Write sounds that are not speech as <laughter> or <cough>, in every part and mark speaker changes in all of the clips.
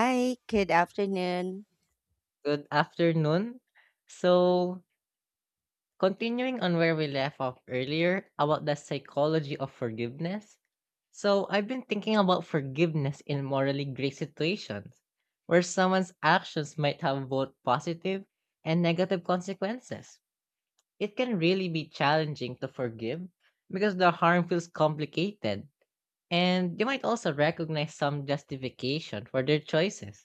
Speaker 1: Hi, good afternoon.
Speaker 2: Good afternoon. So, continuing on where we left off earlier about the psychology of forgiveness. So, I've been thinking about forgiveness in morally gray situations where someone's actions might have both positive and negative consequences. It can really be challenging to forgive because the harm feels complicated, and they might also recognize some justification for their choices.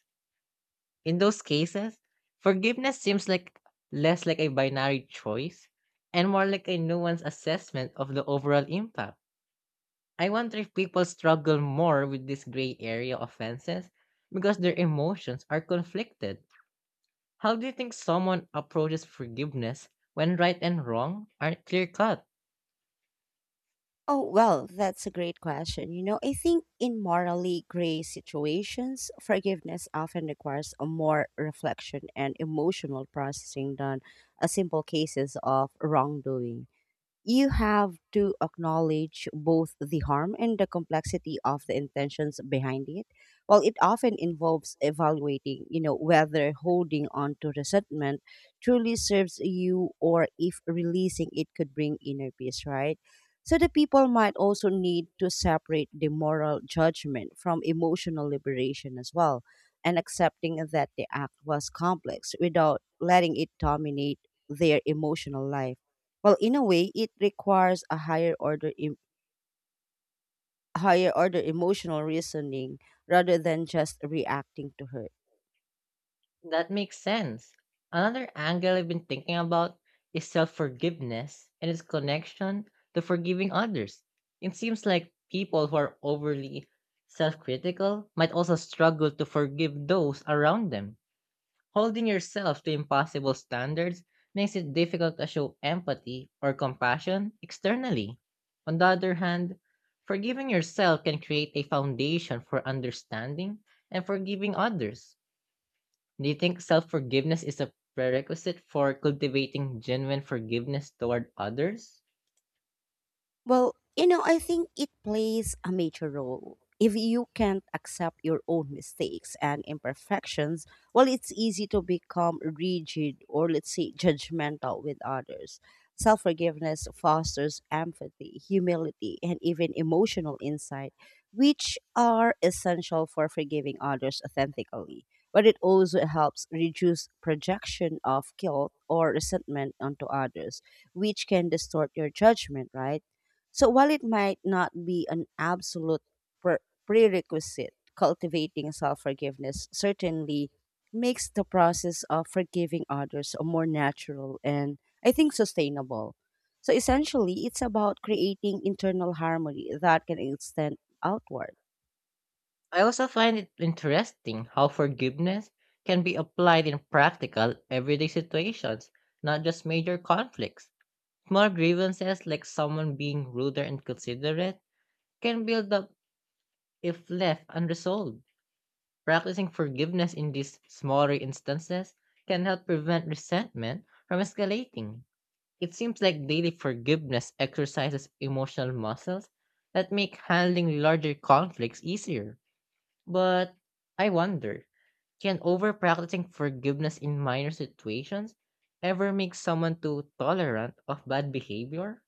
Speaker 2: In those cases, forgiveness seems like less like a binary choice and more like a nuanced assessment of the overall impact. I wonder if people struggle more with this gray area offenses because their emotions are conflicted. How do you think someone approaches forgiveness when right and wrong aren't clear cut?
Speaker 1: Oh, well, that's a great question. You know, I think in morally gray situations, forgiveness often requires a more reflection and emotional processing than a simple cases of wrongdoing. You have to acknowledge both the harm and the complexity of the intentions behind it. Well, it often involves evaluating, you know, whether holding on to resentment truly serves you or if releasing it could bring inner peace, right? So the people might also need to separate the moral judgment from emotional liberation as well and accepting that the act was complex without letting it dominate their emotional life. Well, in a way, it requires a higher order emotional reasoning rather than just reacting to hurt.
Speaker 2: That makes sense. Another angle I've been thinking about is self forgiveness and its connection to forgiving others. It seems like people who are overly self critical might also struggle to forgive those around them. Holding yourself to impossible standards makes it difficult to show empathy or compassion externally. On the other hand, forgiving yourself can create a foundation for understanding and forgiving others. Do you think self forgiveness is a prerequisite for cultivating genuine forgiveness toward others?
Speaker 1: Well, you know, I think it plays a major role. If you can't accept your own mistakes and imperfections, well, it's easy to become rigid or, let's say, judgmental with others. Self forgiveness fosters empathy, humility, and even emotional insight, which are essential for forgiving others authentically. But it also helps reduce projection of guilt or resentment onto others, which can distort your judgment, right? So while it might not be an absolute prerequisite, cultivating self forgiveness certainly makes the process of forgiving others more natural and I think sustainable. So essentially, it's about creating internal harmony that can extend outward.
Speaker 2: I also find it interesting how forgiveness can be applied in practical, everyday situations, not just major conflicts. Small grievances like someone being rude or inconsiderate can build up if left unresolved. Practicing forgiveness in these smaller instances can help prevent resentment from escalating. It seems like daily forgiveness exercises emotional muscles that make handling larger conflicts easier. But I wonder, can over practicing forgiveness in minor situations ever make someone too tolerant of bad behavior?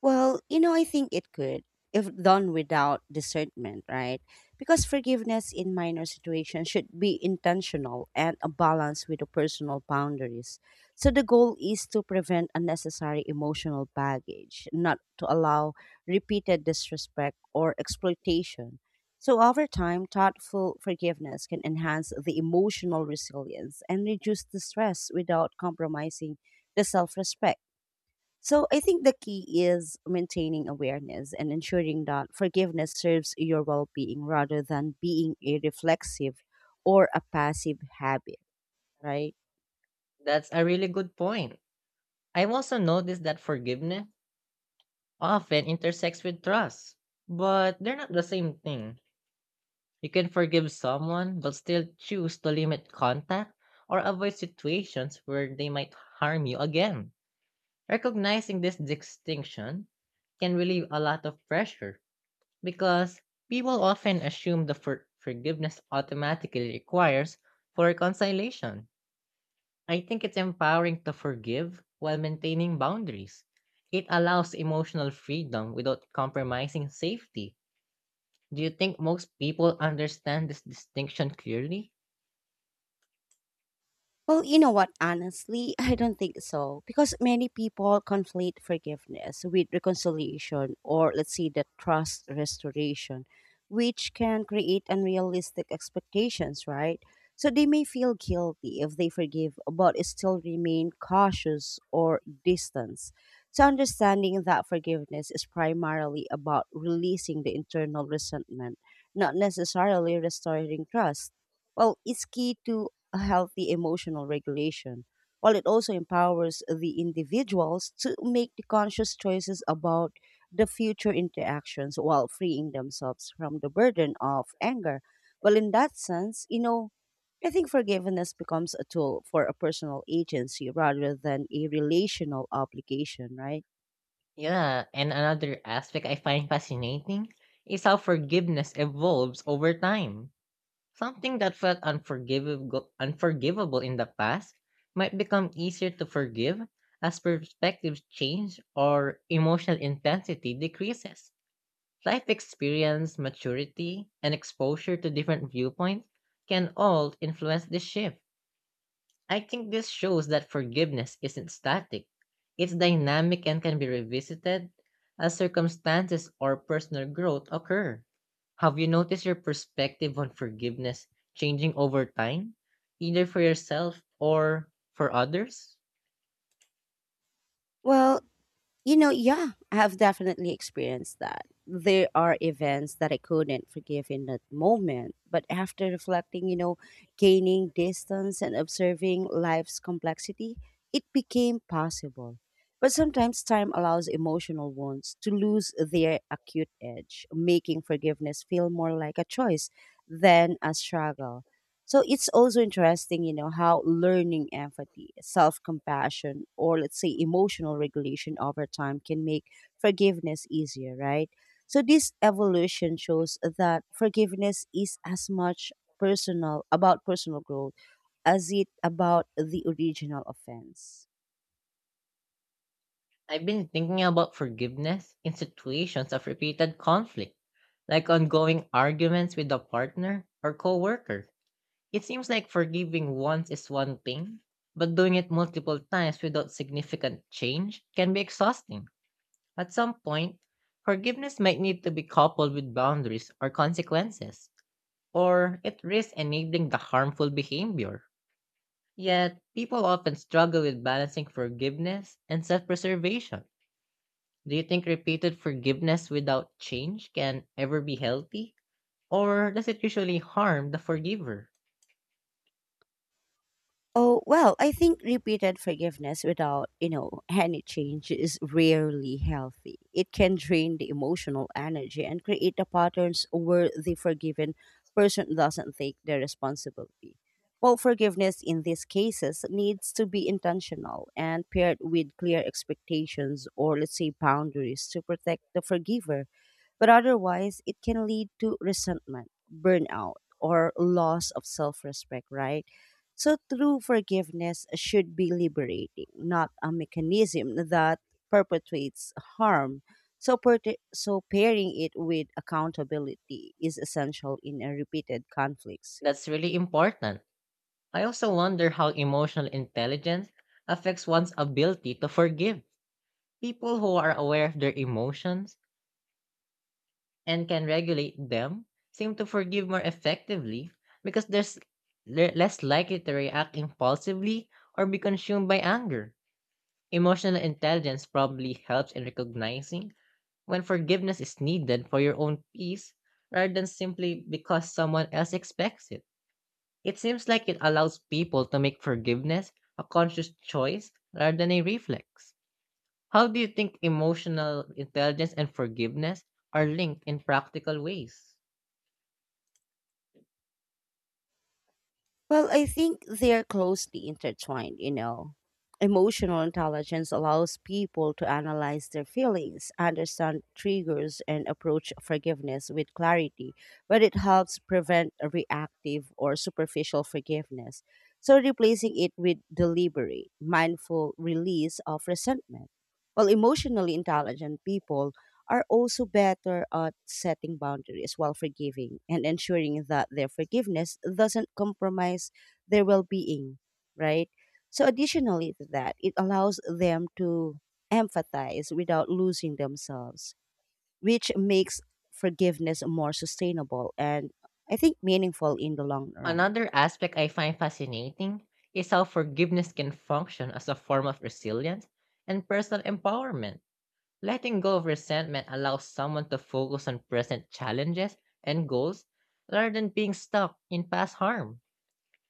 Speaker 1: Well, you know, I think it could, if done without discernment, right? Because forgiveness in minor situations should be intentional and a balance with the personal boundaries. So the goal is to prevent unnecessary emotional baggage, not to allow repeated disrespect or exploitation. So over time, thoughtful forgiveness can enhance the emotional resilience and reduce the stress without compromising the self-respect. So I think the key is maintaining awareness and ensuring that forgiveness serves your well being rather than being a reflexive or a passive habit, right?
Speaker 2: That's a really good point. I've also noticed that forgiveness often intersects with trust, but they're not the same thing. You can forgive someone but still choose to limit contact or avoid situations where they might harm you again. Recognizing this distinction can relieve a lot of pressure because people often assume the forgiveness automatically requires for reconciliation. I think it's empowering to forgive while maintaining boundaries. It allows emotional freedom without compromising safety. Do you think most people understand this distinction clearly?
Speaker 1: Well, you know what? Honestly, I don't think so because many people conflate forgiveness with reconciliation or, let's say, the trust restoration, which can create unrealistic expectations, right? So they may feel guilty if they forgive, but still remain cautious or distance. So understanding that forgiveness is primarily about releasing the internal resentment, not necessarily restoring trust. Well, it's key to a healthy emotional regulation, while it also empowers the individuals to make the conscious choices about the future interactions while freeing themselves from the burden of anger. Well, in that sense, you know, I think forgiveness becomes a tool for a personal agency rather than a relational obligation, right?
Speaker 2: Yeah, and another aspect I find fascinating is how forgiveness evolves over time. Something that felt unforgivable in the past might become easier to forgive as perspectives change or emotional intensity decreases. Life experience, maturity, and exposure to different viewpoints can all influence this shift. I think this shows that forgiveness isn't static. It's dynamic and can be revisited as circumstances or personal growth occur. Have you noticed your perspective on forgiveness changing over time, either for yourself or for others?
Speaker 1: Well, you know, yeah, I have definitely experienced that. There are events that I couldn't forgive in that moment, but after reflecting, you know, gaining distance and observing life's complexity, it became possible. But sometimes time allows emotional wounds to lose their acute edge, making forgiveness feel more like a choice than a struggle. So it's also interesting, you know, how learning empathy, self compassion, or let's say emotional regulation over time can make forgiveness easier, right? So this evolution shows that forgiveness is as much personal about personal growth as it about the original offense.
Speaker 2: I've been thinking about forgiveness in situations of repeated conflict, like ongoing arguments with a partner or coworker. It seems like forgiving once is one thing, but doing it multiple times without significant change can be exhausting. At some point, forgiveness might need to be coupled with boundaries or consequences, or it risks enabling the harmful behavior. Yet, people often struggle with balancing forgiveness and self preservation. Do you think repeated forgiveness without change can ever be healthy? Or does it usually harm the forgiver?
Speaker 1: Oh, well, I think repeated forgiveness without, you know, <laughs> any change is rarely healthy. It can drain the emotional energy and create the patterns where the forgiven person doesn't take the responsibility. Well, forgiveness in these cases needs to be intentional and paired with clear expectations or, let's say, boundaries to protect the forgiver. But otherwise, it can lead to resentment, burnout, or loss of self respect, right? So true forgiveness should be liberating, not a mechanism that perpetuates harm. So pairing it with accountability is essential in a repeated conflicts.
Speaker 2: That's really important. I also wonder how emotional intelligence affects one's ability to forgive. People who are aware of their emotions and can regulate them seem to forgive more effectively because they're less likely to react impulsively or be consumed by anger. Emotional intelligence probably helps in recognizing when forgiveness is needed for your own peace rather than simply because someone else expects it. It seems like it allows people to make forgiveness a conscious choice rather than a reflex. How do you think emotional intelligence and forgiveness are linked in practical ways?
Speaker 1: Well, I think they are closely intertwined, you know. Emotional intelligence allows people to analyze their feelings, understand triggers, and approach forgiveness with clarity, but it helps prevent a reactive or superficial forgiveness. So, replacing it with deliberate, mindful release of resentment. Well, emotionally intelligent people are also better at setting boundaries while forgiving and ensuring that their forgiveness doesn't compromise their well being, right? So, additionally to that, it allows them to empathize without losing themselves, which makes forgiveness more sustainable and I think meaningful in the long run.
Speaker 2: Another aspect I find fascinating is how forgiveness can function as a form of resilience and personal empowerment. Letting go of resentment allows someone to focus on present challenges and goals rather than being stuck in past harm.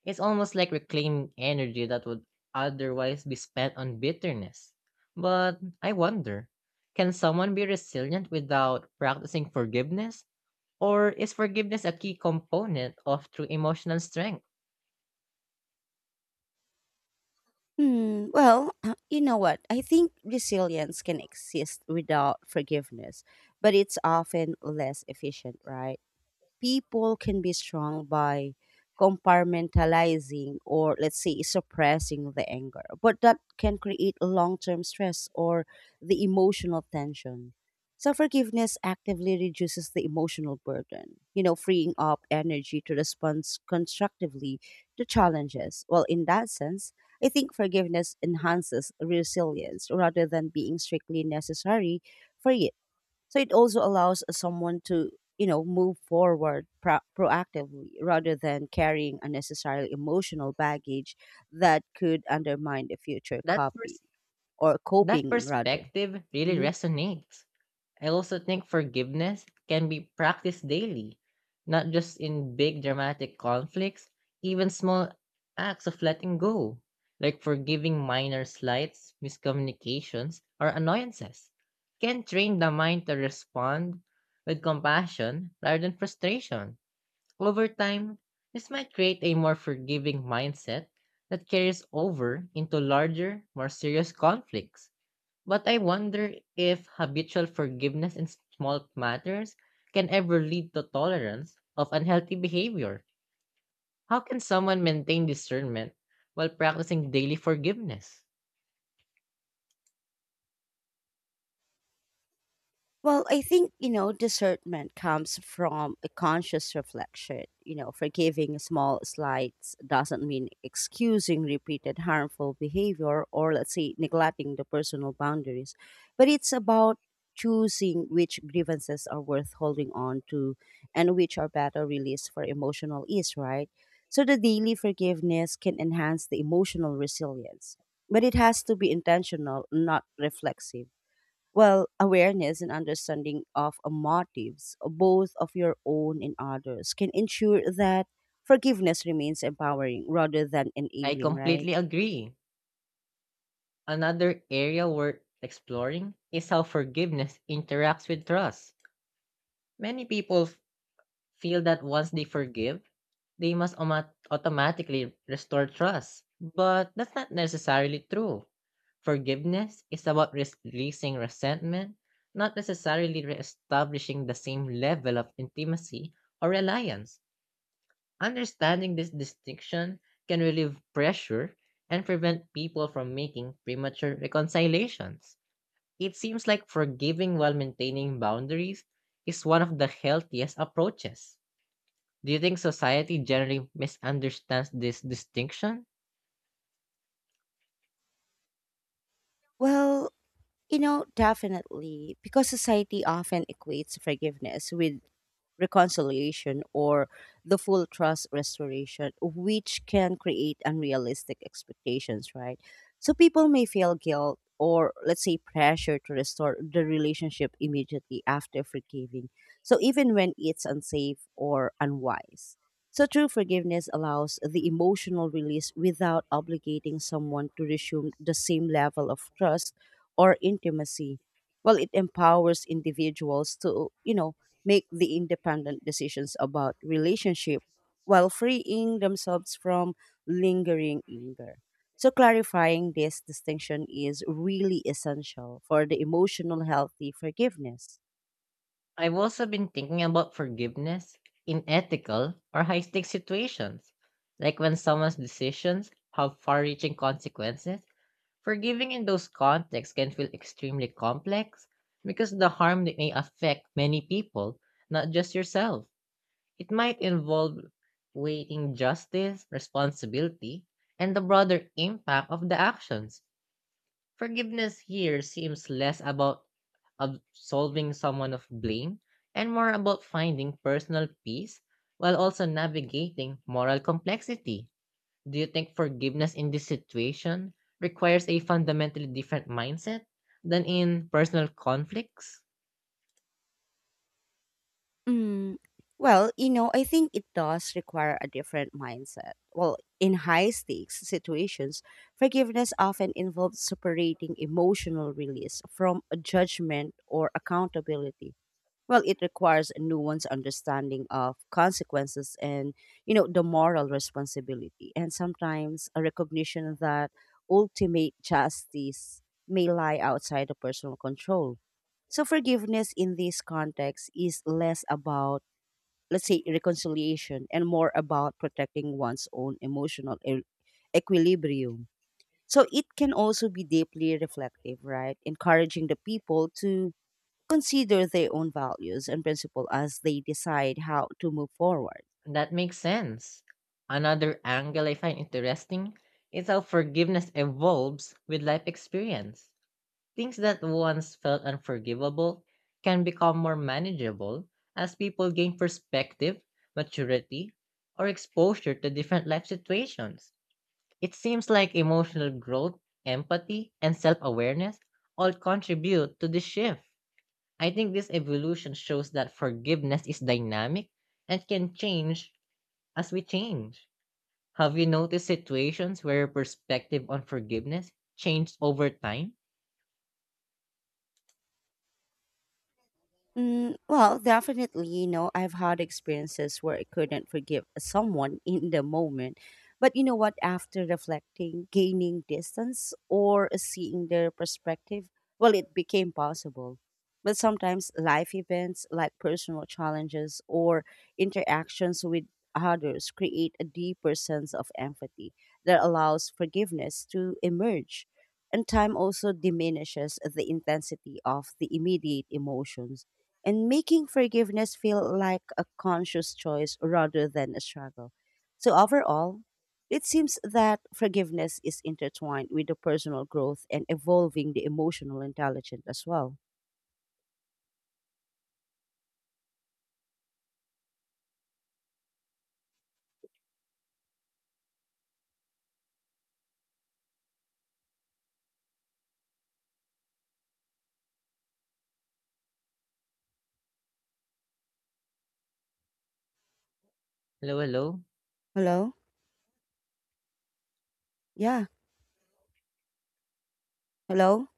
Speaker 2: It's almost like reclaiming energy that would otherwise be spent on bitterness. But I wonder, can someone be resilient without practicing forgiveness? Or is forgiveness a key component of true emotional strength?
Speaker 1: Hmm, well, <clears throat> you know what? I think resilience can exist without forgiveness, but it's often less efficient, right? People can be strong by compartmentalizing or let's say suppressing the anger, but that can create long-term stress or the emotional tension. So forgiveness actively reduces the emotional burden, you know, freeing up energy to respond constructively to challenges. Well, in that sense, I think forgiveness enhances resilience rather than being strictly necessary for it. So it also allows someone to, you know, move forward proactively rather than carrying unnecessary emotional baggage that could undermine the future
Speaker 2: That,
Speaker 1: copy
Speaker 2: pers-
Speaker 1: or
Speaker 2: that
Speaker 1: coping rather.
Speaker 2: perspective really
Speaker 1: Mhm.
Speaker 2: resonates. I also think forgiveness can be practiced daily, not just in big dramatic conflicts, even small acts of letting go, like forgiving minor slights, miscommunications, or annoyances, can train the mind to respond with compassion rather than frustration. Over time, this might create a more forgiving mindset that carries over into larger, more serious conflicts. But I wonder if habitual forgiveness in small matters can ever lead to tolerance of unhealthy behavior. How can someone maintain discernment while practicing daily forgiveness?
Speaker 1: Well, I think, you know, discernment comes from a conscious reflection. You know, forgiving small slights doesn't mean excusing repeated harmful behavior or, let's say, neglecting the personal boundaries. But it's about choosing which grievances are worth holding on to and which are better released for emotional ease, right? So the daily forgiveness can enhance the emotional resilience. But it has to be intentional, not reflexive. Well, awareness and understanding of motives, both of your own and others, can ensure that forgiveness remains empowering rather than
Speaker 2: I
Speaker 1: enabling, right?
Speaker 2: completely agree. Another area worth exploring is how forgiveness interacts with trust. Many people feel that once they forgive, they must automatically restore trust. But that's not necessarily true. Forgiveness is about releasing resentment, not necessarily reestablishing the same level of intimacy or reliance. Understanding this distinction can relieve pressure and prevent people from making premature reconciliations. It seems like forgiving while maintaining boundaries is one of the healthiest approaches. Do you think society generally misunderstands this distinction?
Speaker 1: Well, you know, definitely, because society often equates forgiveness with reconciliation or the full trust restoration, which can create unrealistic expectations, right? So people may feel guilt or, let's say, pressure to restore the relationship immediately after forgiving. So even when it's unsafe or unwise. So true forgiveness allows the emotional release without obligating someone to resume the same level of trust or intimacy. Well, it empowers individuals to, you know, make the independent decisions about relationship while freeing themselves from lingering anger. So clarifying this distinction is really essential for the emotional healthy forgiveness.
Speaker 2: I've also been thinking about forgiveness in ethical or high stakes situations, like when someone's decisions have far reaching consequences. Forgiving in those contexts can feel extremely complex because the harm that may affect many people, not just yourself. It might involve weighing justice, responsibility, and the broader impact of the actions. Forgiveness here seems less about absolving someone of blame and more about finding personal peace while also navigating moral complexity. Do you think forgiveness in this situation requires a fundamentally different mindset than in personal conflicts?
Speaker 1: Mm, well, you know, I think it does require a different mindset. Well, in high stakes situations, forgiveness often involves separating emotional release from a judgment or accountability. Well, it requires a nuanced understanding of consequences and, you know, the moral responsibility, and sometimes a recognition that ultimate justice may lie outside of personal control. So, forgiveness in this context is less about, let's say, reconciliation and more about protecting one's own equilibrium. So, it can also be deeply reflective, right? Encouraging the people to consider their own values and principle as they decide how to move forward.
Speaker 2: That makes sense. Another angle I find interesting is how forgiveness evolves with life experience. Things that once felt unforgivable can become more manageable as people gain perspective, maturity, or exposure to different life situations. It seems like emotional growth, empathy, and self awareness all contribute to this shift. I think this evolution shows that forgiveness is dynamic and can change as we change. Have you noticed situations where your perspective on forgiveness changed over time?
Speaker 1: Mm, well, definitely, you know, I've had experiences where I couldn't forgive someone <laughs> in the moment. But you know what? After reflecting, gaining distance, or seeing their perspective, well, it became possible. But sometimes life events like personal challenges or interactions with others create a deeper sense of empathy that allows forgiveness to emerge. And time also diminishes the intensity of the immediate emotions and making forgiveness feel like a conscious choice rather than a struggle. So, overall, it seems that forgiveness is intertwined with the personal growth and evolving the emotional intelligence as well.
Speaker 2: Hello, hello.
Speaker 1: Hello? Yeah. Hello?